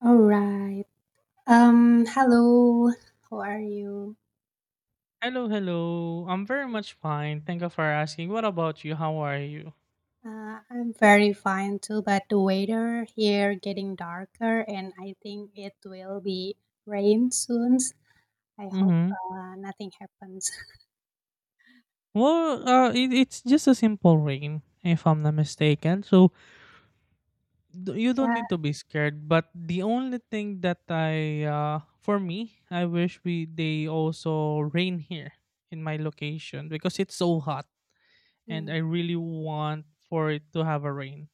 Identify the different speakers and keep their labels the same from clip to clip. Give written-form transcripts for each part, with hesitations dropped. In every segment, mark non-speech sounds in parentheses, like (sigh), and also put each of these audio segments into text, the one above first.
Speaker 1: All right. Hello. How are you?
Speaker 2: Hello, hello. I'm very much fine. Thank you for asking. What about you? How are you?
Speaker 1: I'm very fine too, but the weather here getting darker and I think it will be rain soon. I hope
Speaker 2: Mm-hmm.
Speaker 1: nothing happens. (laughs)
Speaker 2: Well, it's just a simple rain, if I'm not mistaken. So you don't need
Speaker 1: Yeah,
Speaker 2: to be scared. But the only thing that for me, I wish we they also rain here in my location because it's so hot, and
Speaker 1: mm,
Speaker 2: I really want for it to have a rain.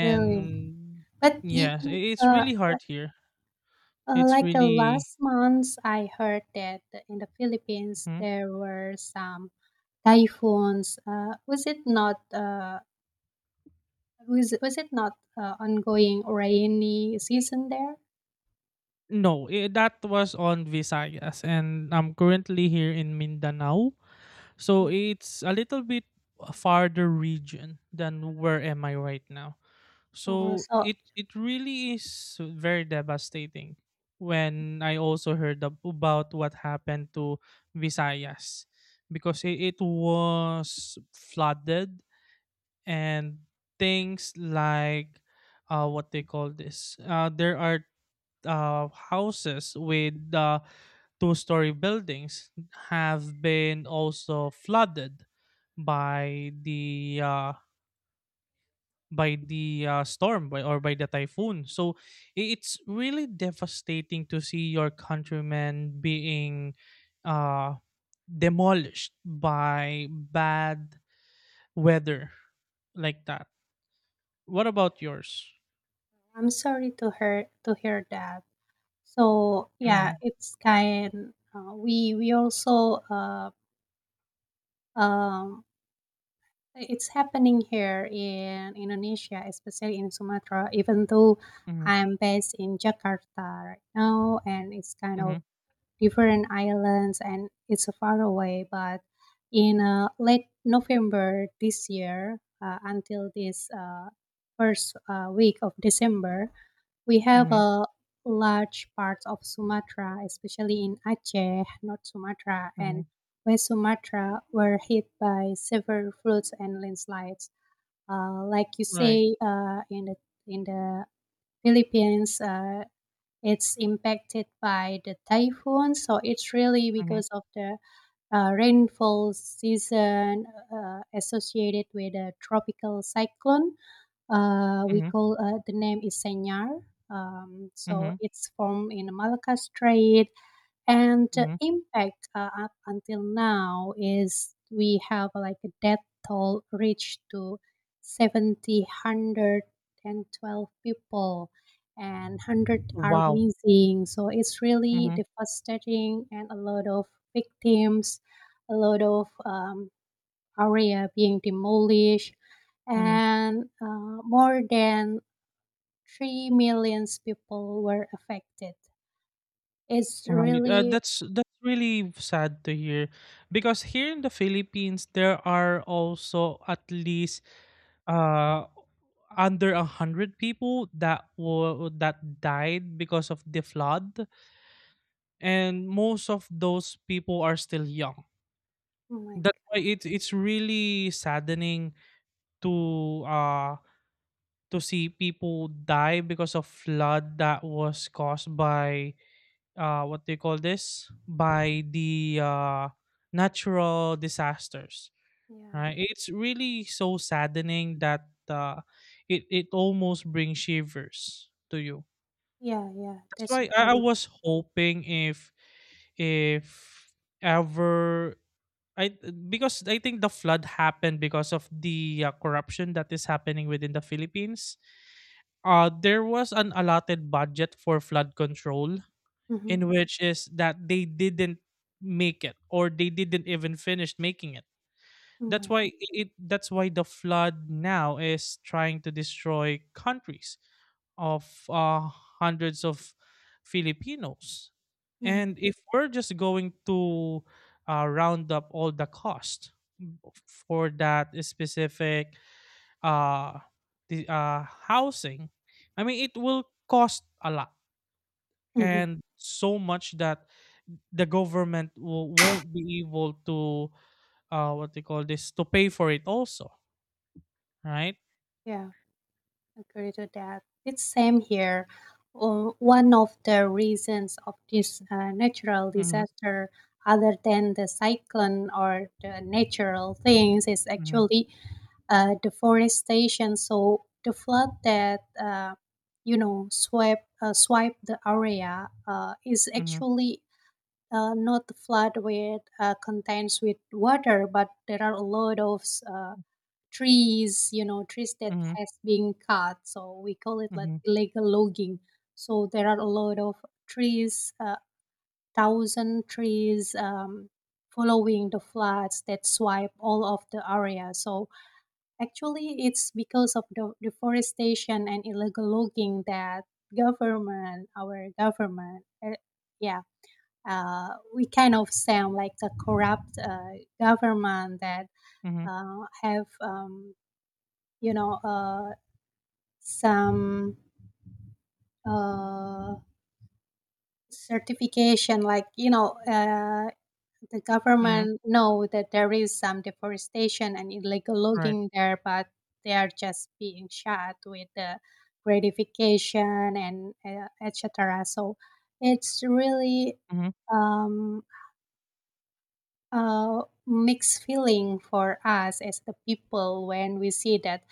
Speaker 1: really. But you,
Speaker 2: yes,
Speaker 1: you,
Speaker 2: it's really
Speaker 1: like,
Speaker 2: hard here. It's really.
Speaker 1: last month, I heard that in the Philippines
Speaker 2: Mm-hmm.
Speaker 1: there were some typhoons. Was it not? Was it not ongoing rainy season there?
Speaker 2: No, that was on Visayas, and I'm currently here in Mindanao. So
Speaker 1: Mm.
Speaker 2: it's a little bit farther region than where am I right now.
Speaker 1: Oh,
Speaker 2: So
Speaker 1: so
Speaker 2: it really is very devastating when I also heard about what happened to Visayas because it was flooded and things like what they call this. There are houses with two-story buildings have been also flooded by the uh, by the storm by, or by the typhoon. So it's really devastating to see your countrymen being uh, demolished by bad weather like that. What about yours?
Speaker 1: I'm sorry to hear that. So yeah,
Speaker 2: Mm-hmm,
Speaker 1: it's kind. We also, um, it's happening here in Indonesia, especially in Sumatra. Even though
Speaker 2: mm-hmm,
Speaker 1: I'm based in Jakarta right now, and it's kind
Speaker 2: mm-hmm,
Speaker 1: of different islands and it's far away. But in late November this year, until this first week of December, we have
Speaker 2: mm-hmm,
Speaker 1: a large parts of Sumatra, especially in Aceh, North Sumatra, and
Speaker 2: mm-hmm.
Speaker 1: West Sumatra, were hit by severe floods and landslides. Like you
Speaker 2: Right.
Speaker 1: say, in the in the Philippines, it's impacted by the typhoon, so it's really
Speaker 2: Mm-hmm,
Speaker 1: because of the rainfall season associated with a tropical cyclone we
Speaker 2: mm-hmm,
Speaker 1: call, the name is senyar. So
Speaker 2: mm-hmm,
Speaker 1: it's formed in the Malacca Strait, and the
Speaker 2: mm-hmm.
Speaker 1: impact up until now is we have like a death toll reached to 70 112 people, and 100 are
Speaker 2: Wow.
Speaker 1: missing. So it's really
Speaker 2: Mhm,
Speaker 1: devastating and a lot of victims, a lot of area being demolished,
Speaker 2: mhm.
Speaker 1: and more than 3 million people were affected. It's
Speaker 2: Right,
Speaker 1: really.
Speaker 2: that's really sad to hear because here in the Philippines there are also at least uh under a hundred people that were that died because of the flood, and most of those people are still young.
Speaker 1: Oh my.
Speaker 2: That's why it's really saddening to uh to see people die because of flood that was caused by what do you call this by the natural disasters,
Speaker 1: Yeah.
Speaker 2: right? It's really so saddening that it almost brings shivers to you.
Speaker 1: Yeah, yeah.
Speaker 2: That's
Speaker 1: That's a
Speaker 2: why I
Speaker 1: very.
Speaker 2: was hoping if ever I, because I think the flood happened because of the corruption that is happening within the Philippines. There was an allotted budget for flood control
Speaker 1: Mhm.
Speaker 2: in which is that they didn't make it or they didn't even finish making it.
Speaker 1: Oh
Speaker 2: That's
Speaker 1: my.
Speaker 2: why it that's why the flood now is trying to destroy countries of hundreds of filipinos,
Speaker 1: Mhm.
Speaker 2: and if we're just going to round up all the cost for that specific uh, the, housing, I mean it will cost a lot
Speaker 1: Mhm.
Speaker 2: and so much that the government won't be able to what they call this to pay for it also, right?
Speaker 1: Yeah, agree to that. It's same here. One of the reasons of this natural
Speaker 2: Mhm,
Speaker 1: disaster, other than the cyclone or the natural things, is
Speaker 2: mhm,
Speaker 1: actually deforestation. So the flood that swept, swipe the area, is
Speaker 2: mhm,
Speaker 1: actually not flood with contains with water, but there are a lot of trees that
Speaker 2: mhm,
Speaker 1: has been cut. So we call it like
Speaker 2: mhm,
Speaker 1: illegal logging. So there are a lot of trees, thousand trees, following the floods that swipe all of the area. So actually, it's because of the deforestation and illegal logging that government, our government, yeah, uh, we kind of sound like a corrupt government that
Speaker 2: mhm,
Speaker 1: have, you know uh, some uh, certification, the
Speaker 2: mhm,
Speaker 1: government know that there is some deforestation and illegal
Speaker 2: right,
Speaker 1: logging there, but they are just being shot with the gratification and etc., so it's really
Speaker 2: mhm,
Speaker 1: um, mixed feeling for us as the people when we see that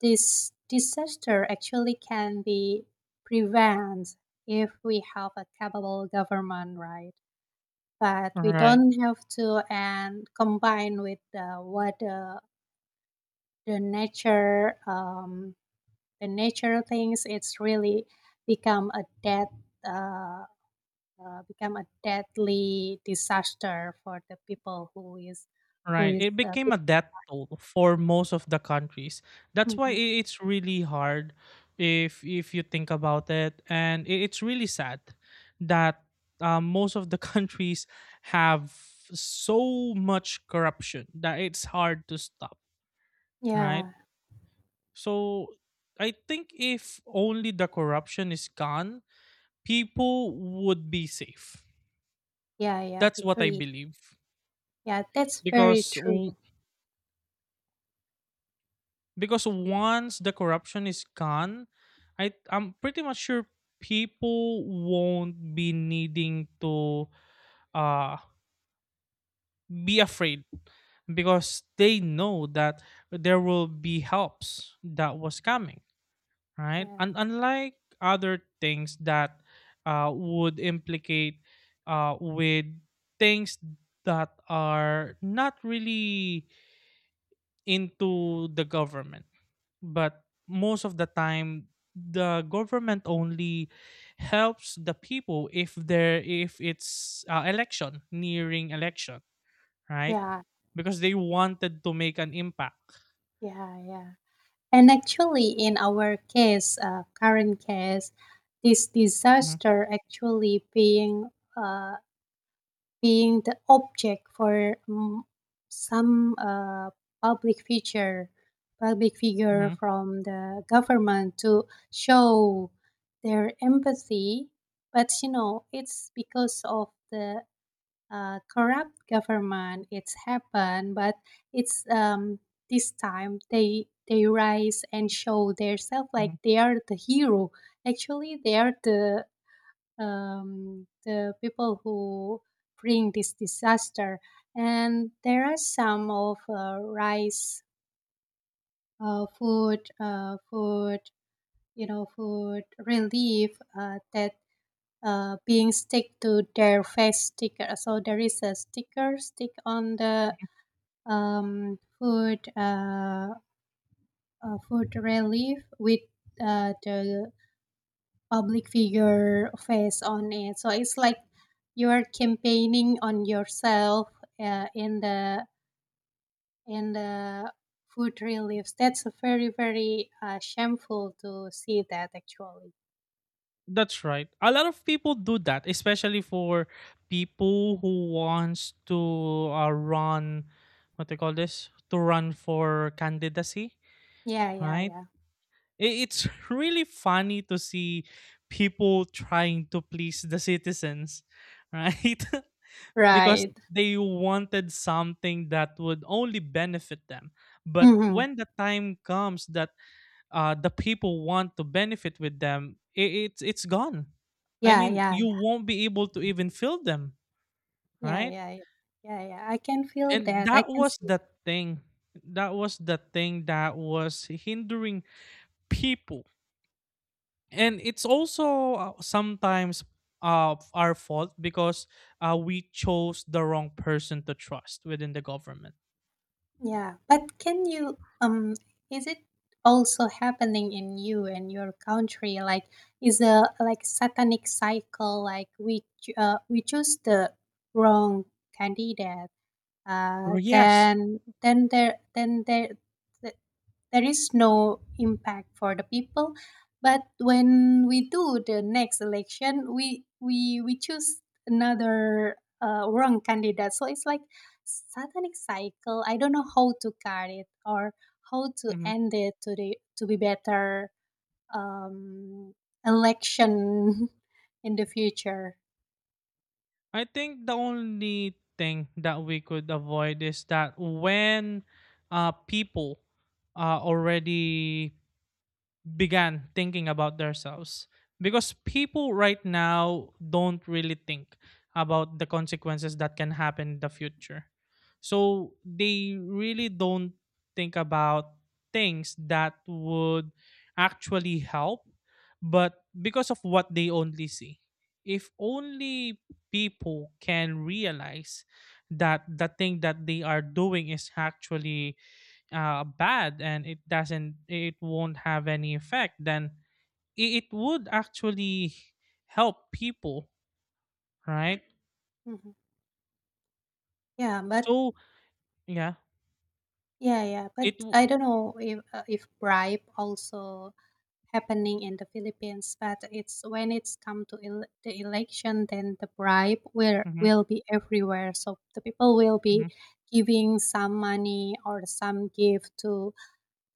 Speaker 1: this disaster actually can be prevented if we have a capable government, right? But we
Speaker 2: right.
Speaker 1: don't have to and combine with what the nature, the nature things. It's really become a death. Uh, become a deadly disaster for the people who is who
Speaker 2: Right.
Speaker 1: is
Speaker 2: It
Speaker 1: uh,
Speaker 2: became a death toll for most of the countries. That's why
Speaker 1: Mhm.
Speaker 2: it's really hard if you think about it, and it's really sad that most of the (laughs) countries have so much corruption that it's hard to stop. Right.
Speaker 1: Yeah,
Speaker 2: So I think if only the corruption is gone, people would be safe.
Speaker 1: yeah, yeah,
Speaker 2: That's what I
Speaker 1: agree.
Speaker 2: believe
Speaker 1: Yeah, that's very
Speaker 2: because
Speaker 1: true.
Speaker 2: because once the corruption is gone I'm pretty much sure people won't be needing to uh be afraid because they know that there will be helps that was coming, right?
Speaker 1: Yeah,
Speaker 2: And unlike other things that would implicate with things that are not really into the government, but most of the time the government only helps the people if there if it's election nearing election, right?
Speaker 1: yeah,
Speaker 2: Because they wanted to make an impact.
Speaker 1: yeah, yeah. And actually, in our case, current case, this
Speaker 2: Mhm,
Speaker 1: disaster actually being uh, the object for some public figure,
Speaker 2: mhm,
Speaker 1: from the government to show their empathy. But you know, it's because of the corrupt government. It's happened, but it's this time they rise and show themselves
Speaker 2: mhm.
Speaker 1: like they are the hero. Actually, they are the people who bring this disaster. And there are some of rice, food, food, you know, food relief that being stick to their face sticker. So there is a sticker stick on the food, relief with the public figure face on it. So it's like you're campaigning on yourself in the in the food reliefs. That's very very shameful to see that actually.
Speaker 2: That's right, a lot of people do that especially for people who wants to run what they call this to run for candidacy,
Speaker 1: Yeah, yeah,
Speaker 2: right? I-
Speaker 1: yeah.
Speaker 2: It's (laughs) really funny to see people trying to please the citizens, right? (laughs) Because
Speaker 1: Right.
Speaker 2: they wanted something that would only benefit them. But
Speaker 1: Mm-hmm.
Speaker 2: when the time comes that the people want to benefit with them, I it's gone. I
Speaker 1: Yeah,
Speaker 2: mean,
Speaker 1: yeah.
Speaker 2: you won't be able to even fill them,
Speaker 1: Yeah,
Speaker 2: right?
Speaker 1: yeah, yeah. Yeah, yeah. I can feel
Speaker 2: And
Speaker 1: that. I
Speaker 2: that
Speaker 1: can
Speaker 2: was
Speaker 1: see that.
Speaker 2: the thing. That was the thing that was hindering people, and it's also sometimes our fault because we chose the wrong person to trust within the government.
Speaker 1: Yeah. But can you, is it also happening in you and your country, like is a like satanic cycle, like we choose the wrong candidate.
Speaker 2: Or yes.
Speaker 1: Then there there is no impact for the people, but when we do the next election, we choose another wrong candidate. So it's like satanic cycle, I don't know how to cut it or how to
Speaker 2: Mhm.
Speaker 1: end it to the to be better um election (laughs) in the future.
Speaker 2: I think the only thing that we could avoid is that when people already began thinking about themselves, because people right now don't really think about the consequences that can happen in the future, so they really don't think about things that would actually help but because of what they only see. If only people can realize that the thing that they are doing is actually bad and it doesn't it won't have any effect, then it would actually help people, right?
Speaker 1: Mhm. yeah but
Speaker 2: So yeah.
Speaker 1: yeah, but
Speaker 2: it w-
Speaker 1: I don't know if bribe also happening in the Philippines, but it's when it's come to the election, then the bribe will
Speaker 2: mhm,
Speaker 1: will be everywhere. So the people will be
Speaker 2: mhm,
Speaker 1: giving some money or some gift to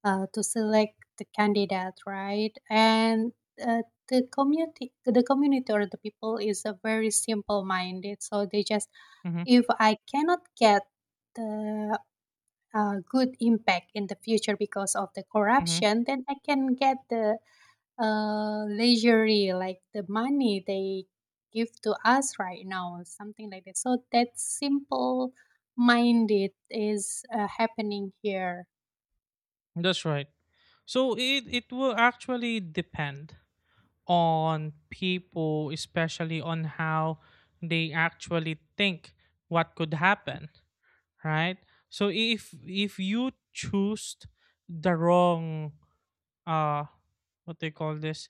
Speaker 1: uh, to select the candidate, right? And uh, the community, or the people is a very simple minded. So they just,
Speaker 2: mhm,
Speaker 1: if I cannot get the good impact in the future because of the
Speaker 2: mhm.
Speaker 1: corruption, then I can get the leisurely, like the money they give to us right now, something like that. So that simple minded is happening here.
Speaker 2: That's right, so it will actually depend on people especially on how they actually think what could happen, right? So if you choose the wrong uh what they call this,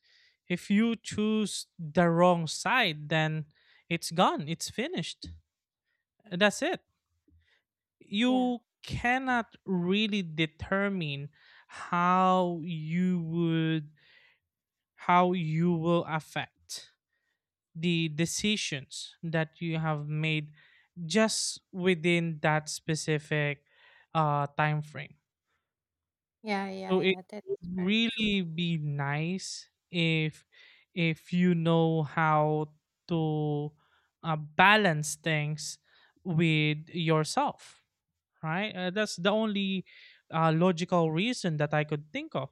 Speaker 2: if you choose the wrong side then it's gone, it's finished, that's it.
Speaker 1: Yeah,
Speaker 2: You cannot really determine how you would how you will affect the decisions that you have made just within that specific time frame.
Speaker 1: yeah, yeah,
Speaker 2: So it
Speaker 1: yeah.
Speaker 2: would
Speaker 1: That's very true.
Speaker 2: really be nice if you know how to balance things with yourself, right? That's the only logical reason that I could think of.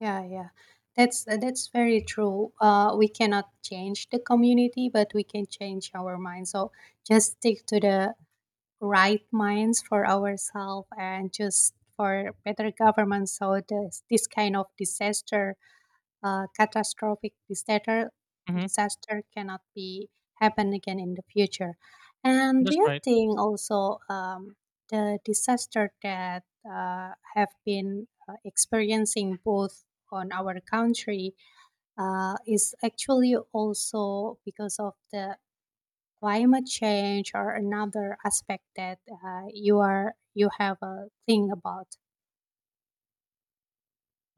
Speaker 1: Yeah, yeah. That's very true. We cannot change the community, but we can change our mind. So just stick to the right minds for ourselves and just for better government, so this kind of disaster, catastrophic disaster
Speaker 2: Hmm.
Speaker 1: disaster cannot be happen again in the future. And do
Speaker 2: That's
Speaker 1: you
Speaker 2: right.
Speaker 1: think also, the disaster that have been experiencing both on our country, is actually also because of the climate change or another aspect that you have a thing about?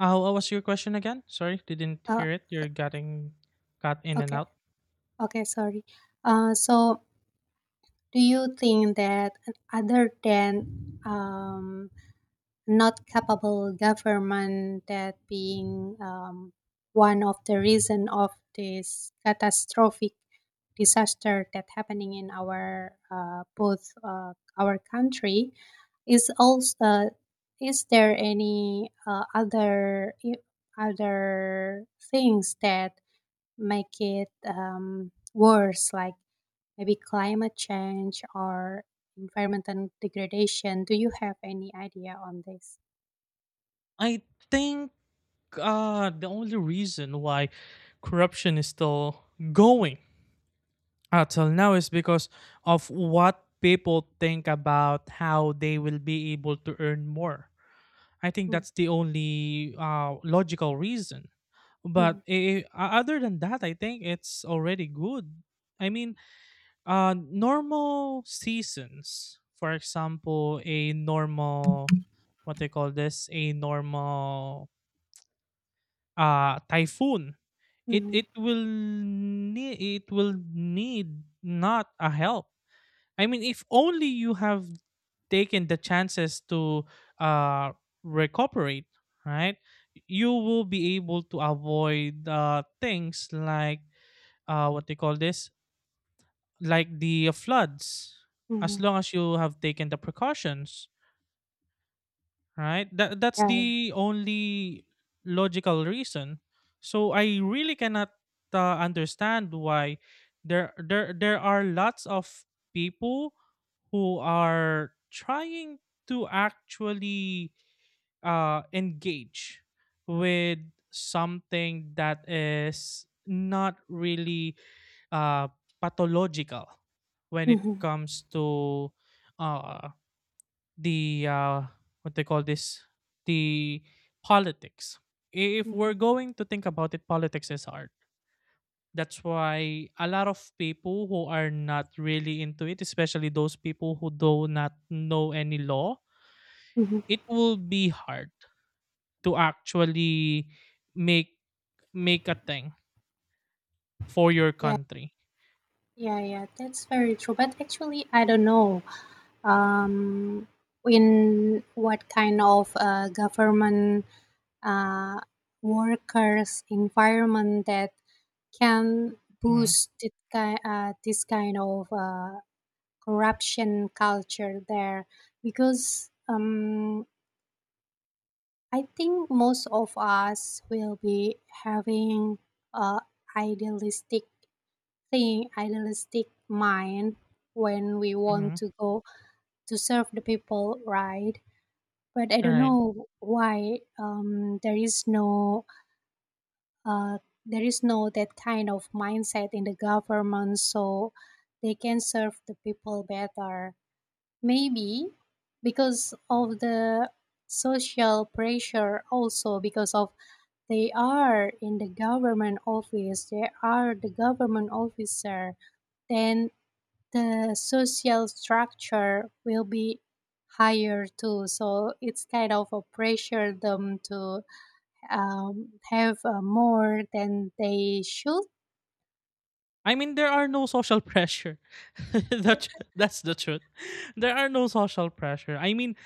Speaker 2: What was your question again? Sorry, didn't
Speaker 1: Uh,
Speaker 2: hear it. You're getting got in and
Speaker 1: okay,
Speaker 2: out.
Speaker 1: okay, sorry. Uh, so Do you think that other than, not capable government that being, one of the reason of this catastrophic disaster that happening in our both, our country is also, is there any other other things that make it worse, like maybe climate change or environmental degradation. Do you have any idea on this?
Speaker 2: I think the only reason why corruption is still going until now is because of what people think about how they will be able to earn more. I think
Speaker 1: Mm,
Speaker 2: that's the only logical reason.
Speaker 1: mm,
Speaker 2: But other than that, I think it's already good. I mean, normal seasons, for example, a normal, what they call this, a normal typhoon. It
Speaker 1: mhm,
Speaker 2: it will need not a help. I mean, if only you have taken the chances to uh, recuperate, right? You will be able to avoid things like what they call this, like the floods, as
Speaker 1: mhm.
Speaker 2: long as you have taken the precautions, right? That that's
Speaker 1: Yeah, yeah.
Speaker 2: the only logical reason. So I really cannot understand why there there are lots of people who are trying to actually engage with something that is not really uh, pathological when it
Speaker 1: Mhm,
Speaker 2: comes to uh, the what they call this the politics. If
Speaker 1: mhm,
Speaker 2: we're going to think about it, politics is art. That's why a lot of people who are not really into it, especially those people who do not know any law,
Speaker 1: mhm.
Speaker 2: it will be hard to actually make make a thing for your
Speaker 1: Yeah,
Speaker 2: country.
Speaker 1: yeah, yeah. That's very true. But actually, I don't know. Um, in what kind of government uh, workers environment that can
Speaker 2: Mhm,
Speaker 1: boost it, this kind of corruption culture there, because I think most of us will be having a idealistic thing, idealistic mind when we want
Speaker 2: mhm,
Speaker 1: to go to serve the people, right? But I don't
Speaker 2: right.
Speaker 1: know why, uh, there is no that kind of mindset in the government, so they can serve the people better. Maybe because of the social pressure, also because of they are in the government office, they are the government officer, then the social structure will be higher too. So it's kind of a pressure them to, have more than they should.
Speaker 2: I mean, there are no social pressure. (laughs) That that's the truth. There are no social pressure.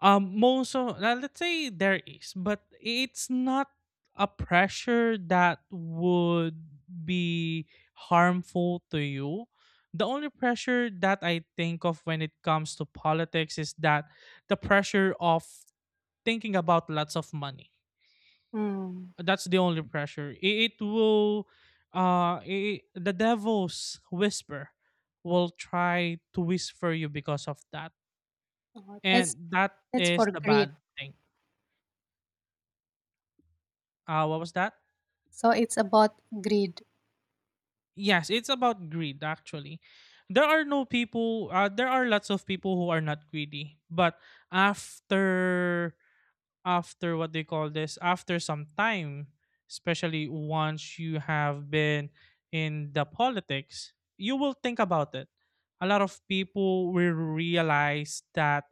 Speaker 2: Most of, let's say there is, but it's not a pressure that would be harmful to you. The only pressure that I think of when it comes to politics is that the pressure of thinking about lots of money.
Speaker 1: Mm.
Speaker 2: That's the only pressure. The devil's whisper will try to whisper you because of that,
Speaker 1: Oh. That's
Speaker 2: and that
Speaker 1: that's
Speaker 2: is
Speaker 1: for
Speaker 2: the
Speaker 1: greed.
Speaker 2: bad thing. What was that?
Speaker 1: So it's about greed.
Speaker 2: Yes, it's about greed actually. There are no people there are lots of people who are not greedy, but after after what they call this, after some time, especially once you have been in the politics, you will think about it. A lot of people will realize that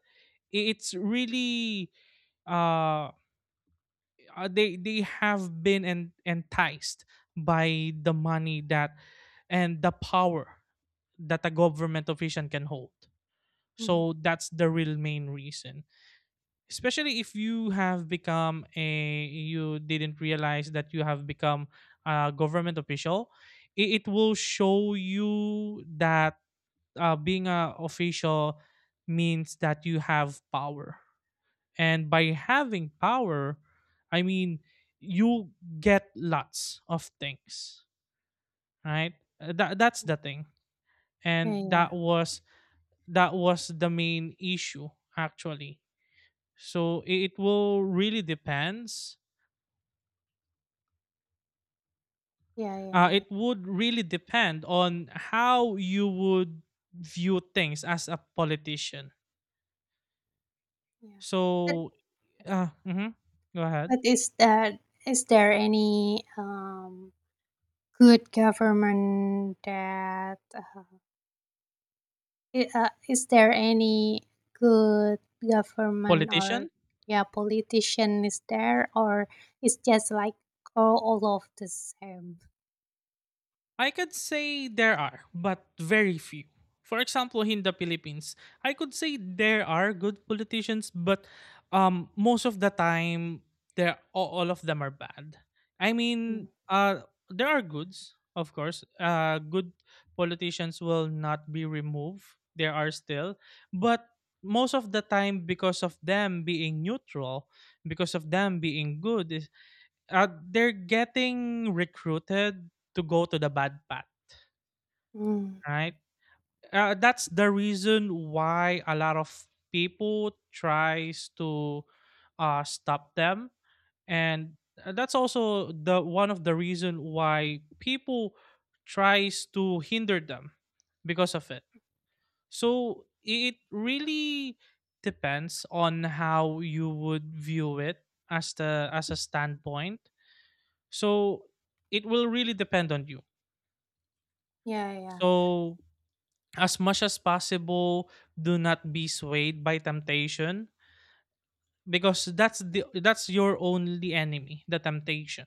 Speaker 2: it's really uh they have been enticed by the money that and the power that a government official can hold.
Speaker 1: Hmm.
Speaker 2: So that's the real main reason. Especially if you have become a you didn't realize that you have become a government official, it will show you that being a official means that you have power. And by having power, I mean you get lots of things, right? That that's the thing.
Speaker 1: Yeah,
Speaker 2: And
Speaker 1: yeah,
Speaker 2: that was the main issue actually, so it will really depends
Speaker 1: yeah, yeah, yeah, yeah,
Speaker 2: it would really depend on how you would view things as a politician.
Speaker 1: yeah. But
Speaker 2: So uh, mhm, go ahead.
Speaker 1: but is that, is there any good government that is there any good government or
Speaker 2: Politician,
Speaker 1: yeah politician, is there, or it's just like all of the same?
Speaker 2: I could say there are, but very few. For example, in the Philippines, I could say there are good politicians, but most of the time, they're all of them are bad. I
Speaker 1: Mm.
Speaker 2: mean, there are goods, of course. Good politicians will not be removed. There are still, but most of the time, because of them being neutral, because of them being good, they're getting recruited to go to the bad path,
Speaker 1: Mm.
Speaker 2: right? That's the reason why a lot of people tries to stop them, and that's also the one of the reason why people tries to hinder them because of it. So it really depends on how you would view it as the as a standpoint. So it will really depend on you.
Speaker 1: Yeah, yeah.
Speaker 2: So as much as possible, do not be swayed by temptation because that's the that's your only enemy, the temptation.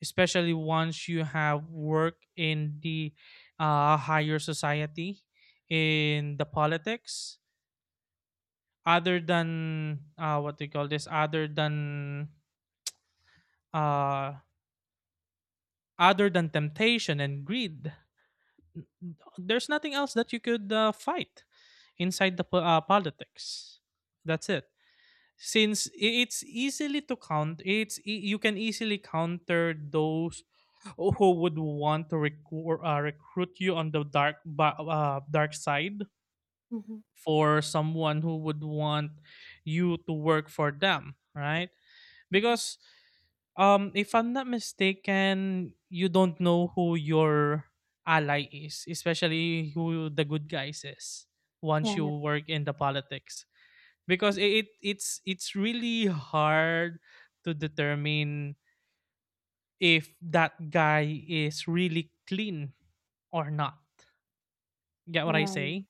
Speaker 2: Especially once you have work in the higher society, in the politics, other than what do you call this? Uh, other than temptation and greed, there's nothing else that you could fight inside the politics. That's it. It's easily to count, you can easily counter those who would want to recruit you on the dark side,
Speaker 1: Mm-hmm.
Speaker 2: for someone who would want you to work for them, right?
Speaker 1: Mm-hmm.
Speaker 2: Because if I'm not mistaken, you don't know who your ally is, especially who the good guys is once you
Speaker 1: Yeah,
Speaker 2: work in the politics. Because it's really hard to determine if that guy is really clean or not. Get what I
Speaker 1: yeah,
Speaker 2: say?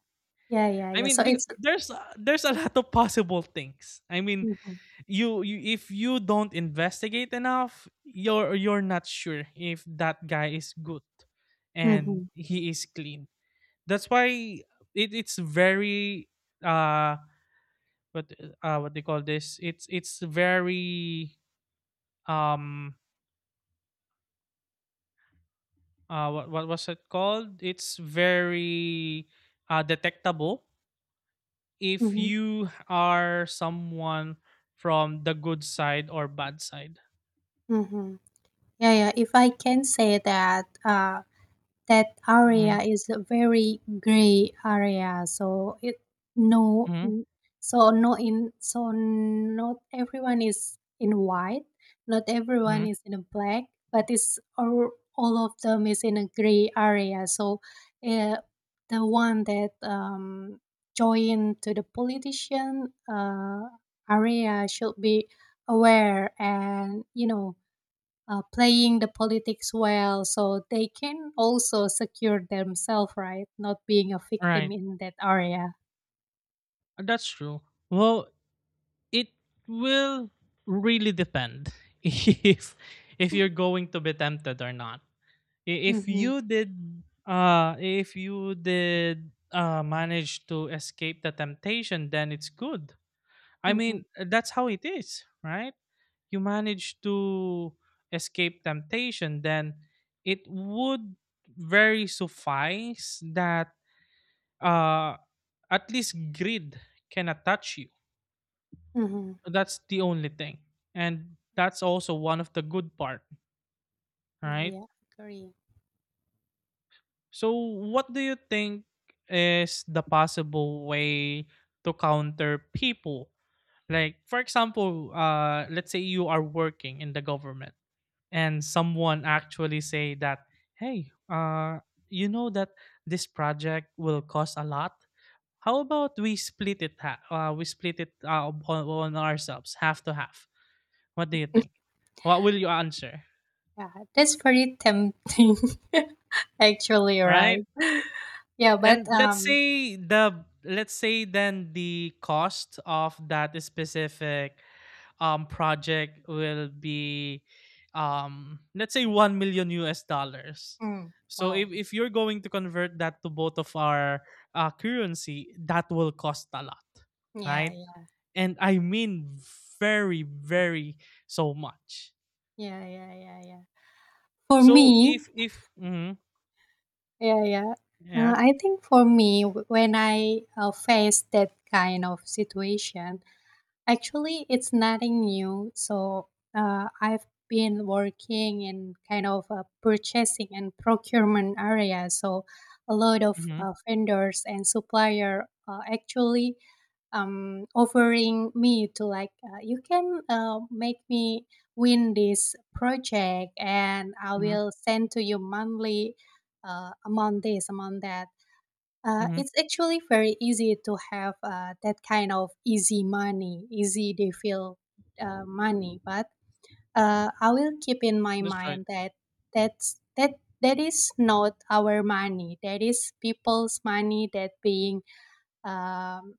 Speaker 1: yeah, yeah,
Speaker 2: I
Speaker 1: yeah.
Speaker 2: mean,
Speaker 1: So it's.
Speaker 2: there's a lot of possible things. I mean,
Speaker 1: Mm-hmm.
Speaker 2: you, if you don't investigate enough, you're not sure if that guy is good
Speaker 1: Mm-hmm.
Speaker 2: and he is clean. That's why it's very, uh what what they call this, it's very, um what was it called, it's very detectable if
Speaker 1: Mm-hmm.
Speaker 2: you are someone from the good side or bad side.
Speaker 1: Mm-hmm. Yeah, yeah. If I can say that, that
Speaker 2: Mm-hmm,
Speaker 1: area is a very gray area. so it no,
Speaker 2: mm-hmm,
Speaker 1: n- so no in so not everyone is in white, not everyone
Speaker 2: mm-hmm.
Speaker 1: is in a black, but it's all of them is in a gray area. So, uh, the one that join to the politician area should be aware, and playing the politics well, so they can also secure themselves, right, not being a victim
Speaker 2: Right.
Speaker 1: in that area.
Speaker 2: That's true. Well, it will really depend (laughs) if you're going to be tempted or not. If
Speaker 1: Mm-hmm,
Speaker 2: you did uh if you did uh manage to escape the temptation, then it's good. I
Speaker 1: mm-hmm,
Speaker 2: mean, that's how it is, right? You manage to escape temptation, then it would very suffice that uh at least greed cannot touch you.
Speaker 1: mm-hmm.
Speaker 2: That's the only thing, and that's also one of the good part,
Speaker 1: Yeah,
Speaker 2: right?
Speaker 1: yeah, agree.
Speaker 2: So what do you think is the possible way to counter people? Like, for example, let's say you are working in the government and someone actually say that, "Hey, you know that this project will cost a lot. How about we we split it on ourselves, half to half? What do you think? What will you answer?"
Speaker 1: Yeah, that's very tempting. (laughs) Actually, right.
Speaker 2: Right.
Speaker 1: Yeah, but
Speaker 2: And let's say then the cost of that specific, project will be, let's say, $1 million.
Speaker 1: mm,
Speaker 2: so if,
Speaker 1: wow,
Speaker 2: if you're going to convert that to both of our currency, that will cost a lot,
Speaker 1: yeah,
Speaker 2: right?
Speaker 1: yeah,
Speaker 2: And I mean, very very, so much.
Speaker 1: yeah, yeah, yeah, yeah, for
Speaker 2: So
Speaker 1: me,
Speaker 2: if Mhm.
Speaker 1: yeah, yeah.
Speaker 2: Yeah.
Speaker 1: I think for me, when I face that kind of situation. Actually, it's nothing new. So I've been working in kind of a purchasing and procurement area. So a lot of
Speaker 2: Hmm.
Speaker 1: vendors and supplier, actually, offering me to like, you can, make me win this project and I
Speaker 2: Hmm.
Speaker 1: will send to you monthly, amount this amount that.
Speaker 2: Hmm.
Speaker 1: It's actually very easy to have that kind of easy money, easy they feel money. But I will keep in my
Speaker 2: That's right.
Speaker 1: mind that that's that that is not our money. That is people's money. That being, um,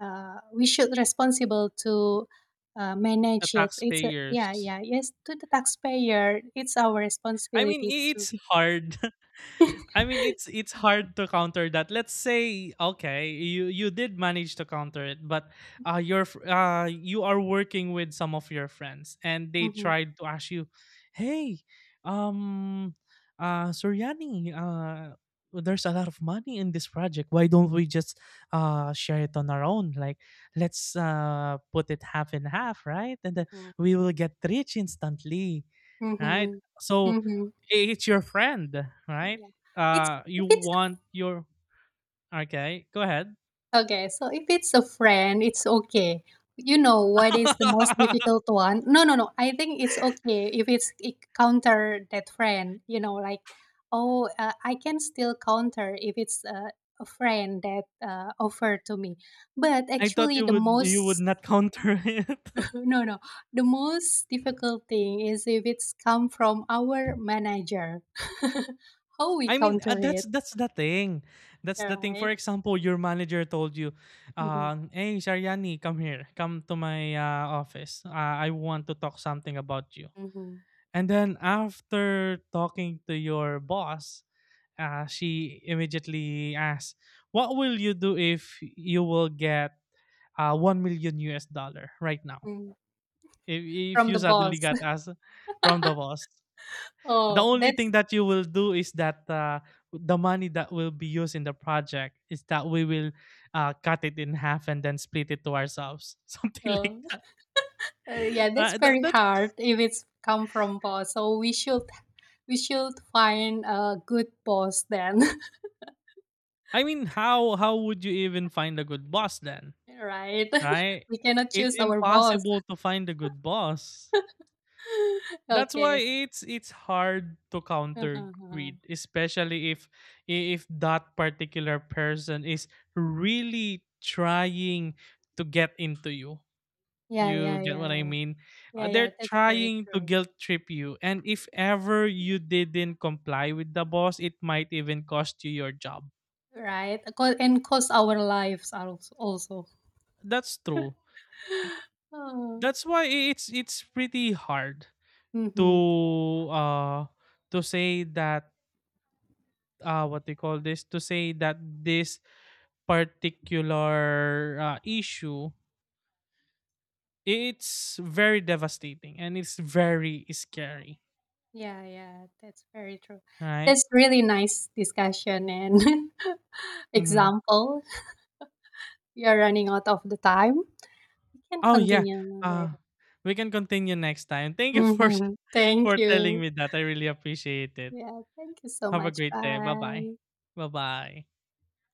Speaker 1: we should responsible to
Speaker 2: The
Speaker 1: manage it. Yeah,
Speaker 2: taxpayers.
Speaker 1: yeah, yes to the taxpayer. It's our
Speaker 2: I mean,
Speaker 1: responsibility to.
Speaker 2: it's hard. (laughs) I mean, it's hard to counter that. Let's say, okay, you did manage to counter it, but you are working with some of your friends, and they
Speaker 1: Hmm,
Speaker 2: tried to ask you, "Hey, um, Suryani, there's a lot of money in this project. Why don't we just share it on our own? Like, let's put it half and half, right? And then
Speaker 1: hmm,
Speaker 2: we will get rich instantly, right?"
Speaker 1: hmm,
Speaker 2: So
Speaker 1: hmm.
Speaker 2: it's your friend, right?
Speaker 1: Yeah, it's if
Speaker 2: You
Speaker 1: it's a
Speaker 2: want your. Okay, go ahead.
Speaker 1: okay, so if it's a friend, it's okay. You know what
Speaker 2: (laughs)
Speaker 1: is the most difficult one? No, no, no. I think it's okay if it counter that friend. You know, like, oh, I can still counter if it's a friend that offered to me. But
Speaker 2: I thought
Speaker 1: actually,
Speaker 2: you
Speaker 1: the
Speaker 2: would you would
Speaker 1: most,
Speaker 2: not counter it. (laughs)
Speaker 1: (laughs) no, no, the most difficult thing is if it's come from our manager. (laughs) How we
Speaker 2: I mean,
Speaker 1: counter
Speaker 2: that's
Speaker 1: it,
Speaker 2: that's the thing. That's the thing.
Speaker 1: right?
Speaker 2: For example, your manager told you,
Speaker 1: Mm-hmm,
Speaker 2: "Hey, Sharyani, come here. Come to my office. I want to talk something about you."
Speaker 1: mm-hmm,
Speaker 2: And then after talking to your boss, she immediately asks, "What will you do if you will get $1 million right now?
Speaker 1: mm-hmm.
Speaker 2: If, if
Speaker 1: From
Speaker 2: you
Speaker 1: the
Speaker 2: suddenly
Speaker 1: boss.
Speaker 2: got asked from the boss, the
Speaker 1: Oh,
Speaker 2: only thing that you will do is that, the money that will be used in the project is that we will cut it in half and then split it to ourselves," (laughs) something
Speaker 1: oh,
Speaker 2: like that.
Speaker 1: (laughs) yeah, that's
Speaker 2: Uh, that
Speaker 1: very
Speaker 2: that's,
Speaker 1: hard if it's come from boss. So we should find a good boss then,
Speaker 2: I mean, how would you even find a good boss then,
Speaker 1: (laughs) right?
Speaker 2: right?
Speaker 1: (laughs) We cannot
Speaker 2: It's
Speaker 1: choose our boss.
Speaker 2: impossible to find a good boss.
Speaker 1: (laughs)
Speaker 2: That's why
Speaker 1: Okay.
Speaker 2: it's hard to
Speaker 1: (laughs)
Speaker 2: counter
Speaker 1: Yeah,
Speaker 2: greed, especially if that particular person is really trying to get into you.
Speaker 1: yeah,
Speaker 2: You
Speaker 1: yeah,
Speaker 2: get what I mean?
Speaker 1: yeah, yeah.
Speaker 2: They're
Speaker 1: That's very
Speaker 2: trying to
Speaker 1: true,
Speaker 2: guilt trip you, and if ever you didn't comply with the boss, it might even cost you your job.
Speaker 1: right? And cost our lives also.
Speaker 2: That's true.
Speaker 1: (gasps) (laughs) Oh,
Speaker 2: That's why it's pretty hard
Speaker 1: hmm.
Speaker 2: to say that, what they call this, to say that this particular, issue, it's very devastating and it's very scary,
Speaker 1: Yeah, yeah, that's very true.
Speaker 2: right?
Speaker 1: That's really nice discussion and (laughs)
Speaker 2: Hmm.
Speaker 1: example. You're running out of the time. We can
Speaker 2: Oh yeah.
Speaker 1: continue
Speaker 2: Uh,
Speaker 1: later.
Speaker 2: we can continue next time. Thank you for
Speaker 1: (laughs)
Speaker 2: (laughs)
Speaker 1: Thank
Speaker 2: for
Speaker 1: you.
Speaker 2: telling me that. I really appreciate it.
Speaker 1: Yeah, thank you so
Speaker 2: Have a
Speaker 1: much.
Speaker 2: great day. Bye bye.
Speaker 1: Bye.
Speaker 2: Bye bye.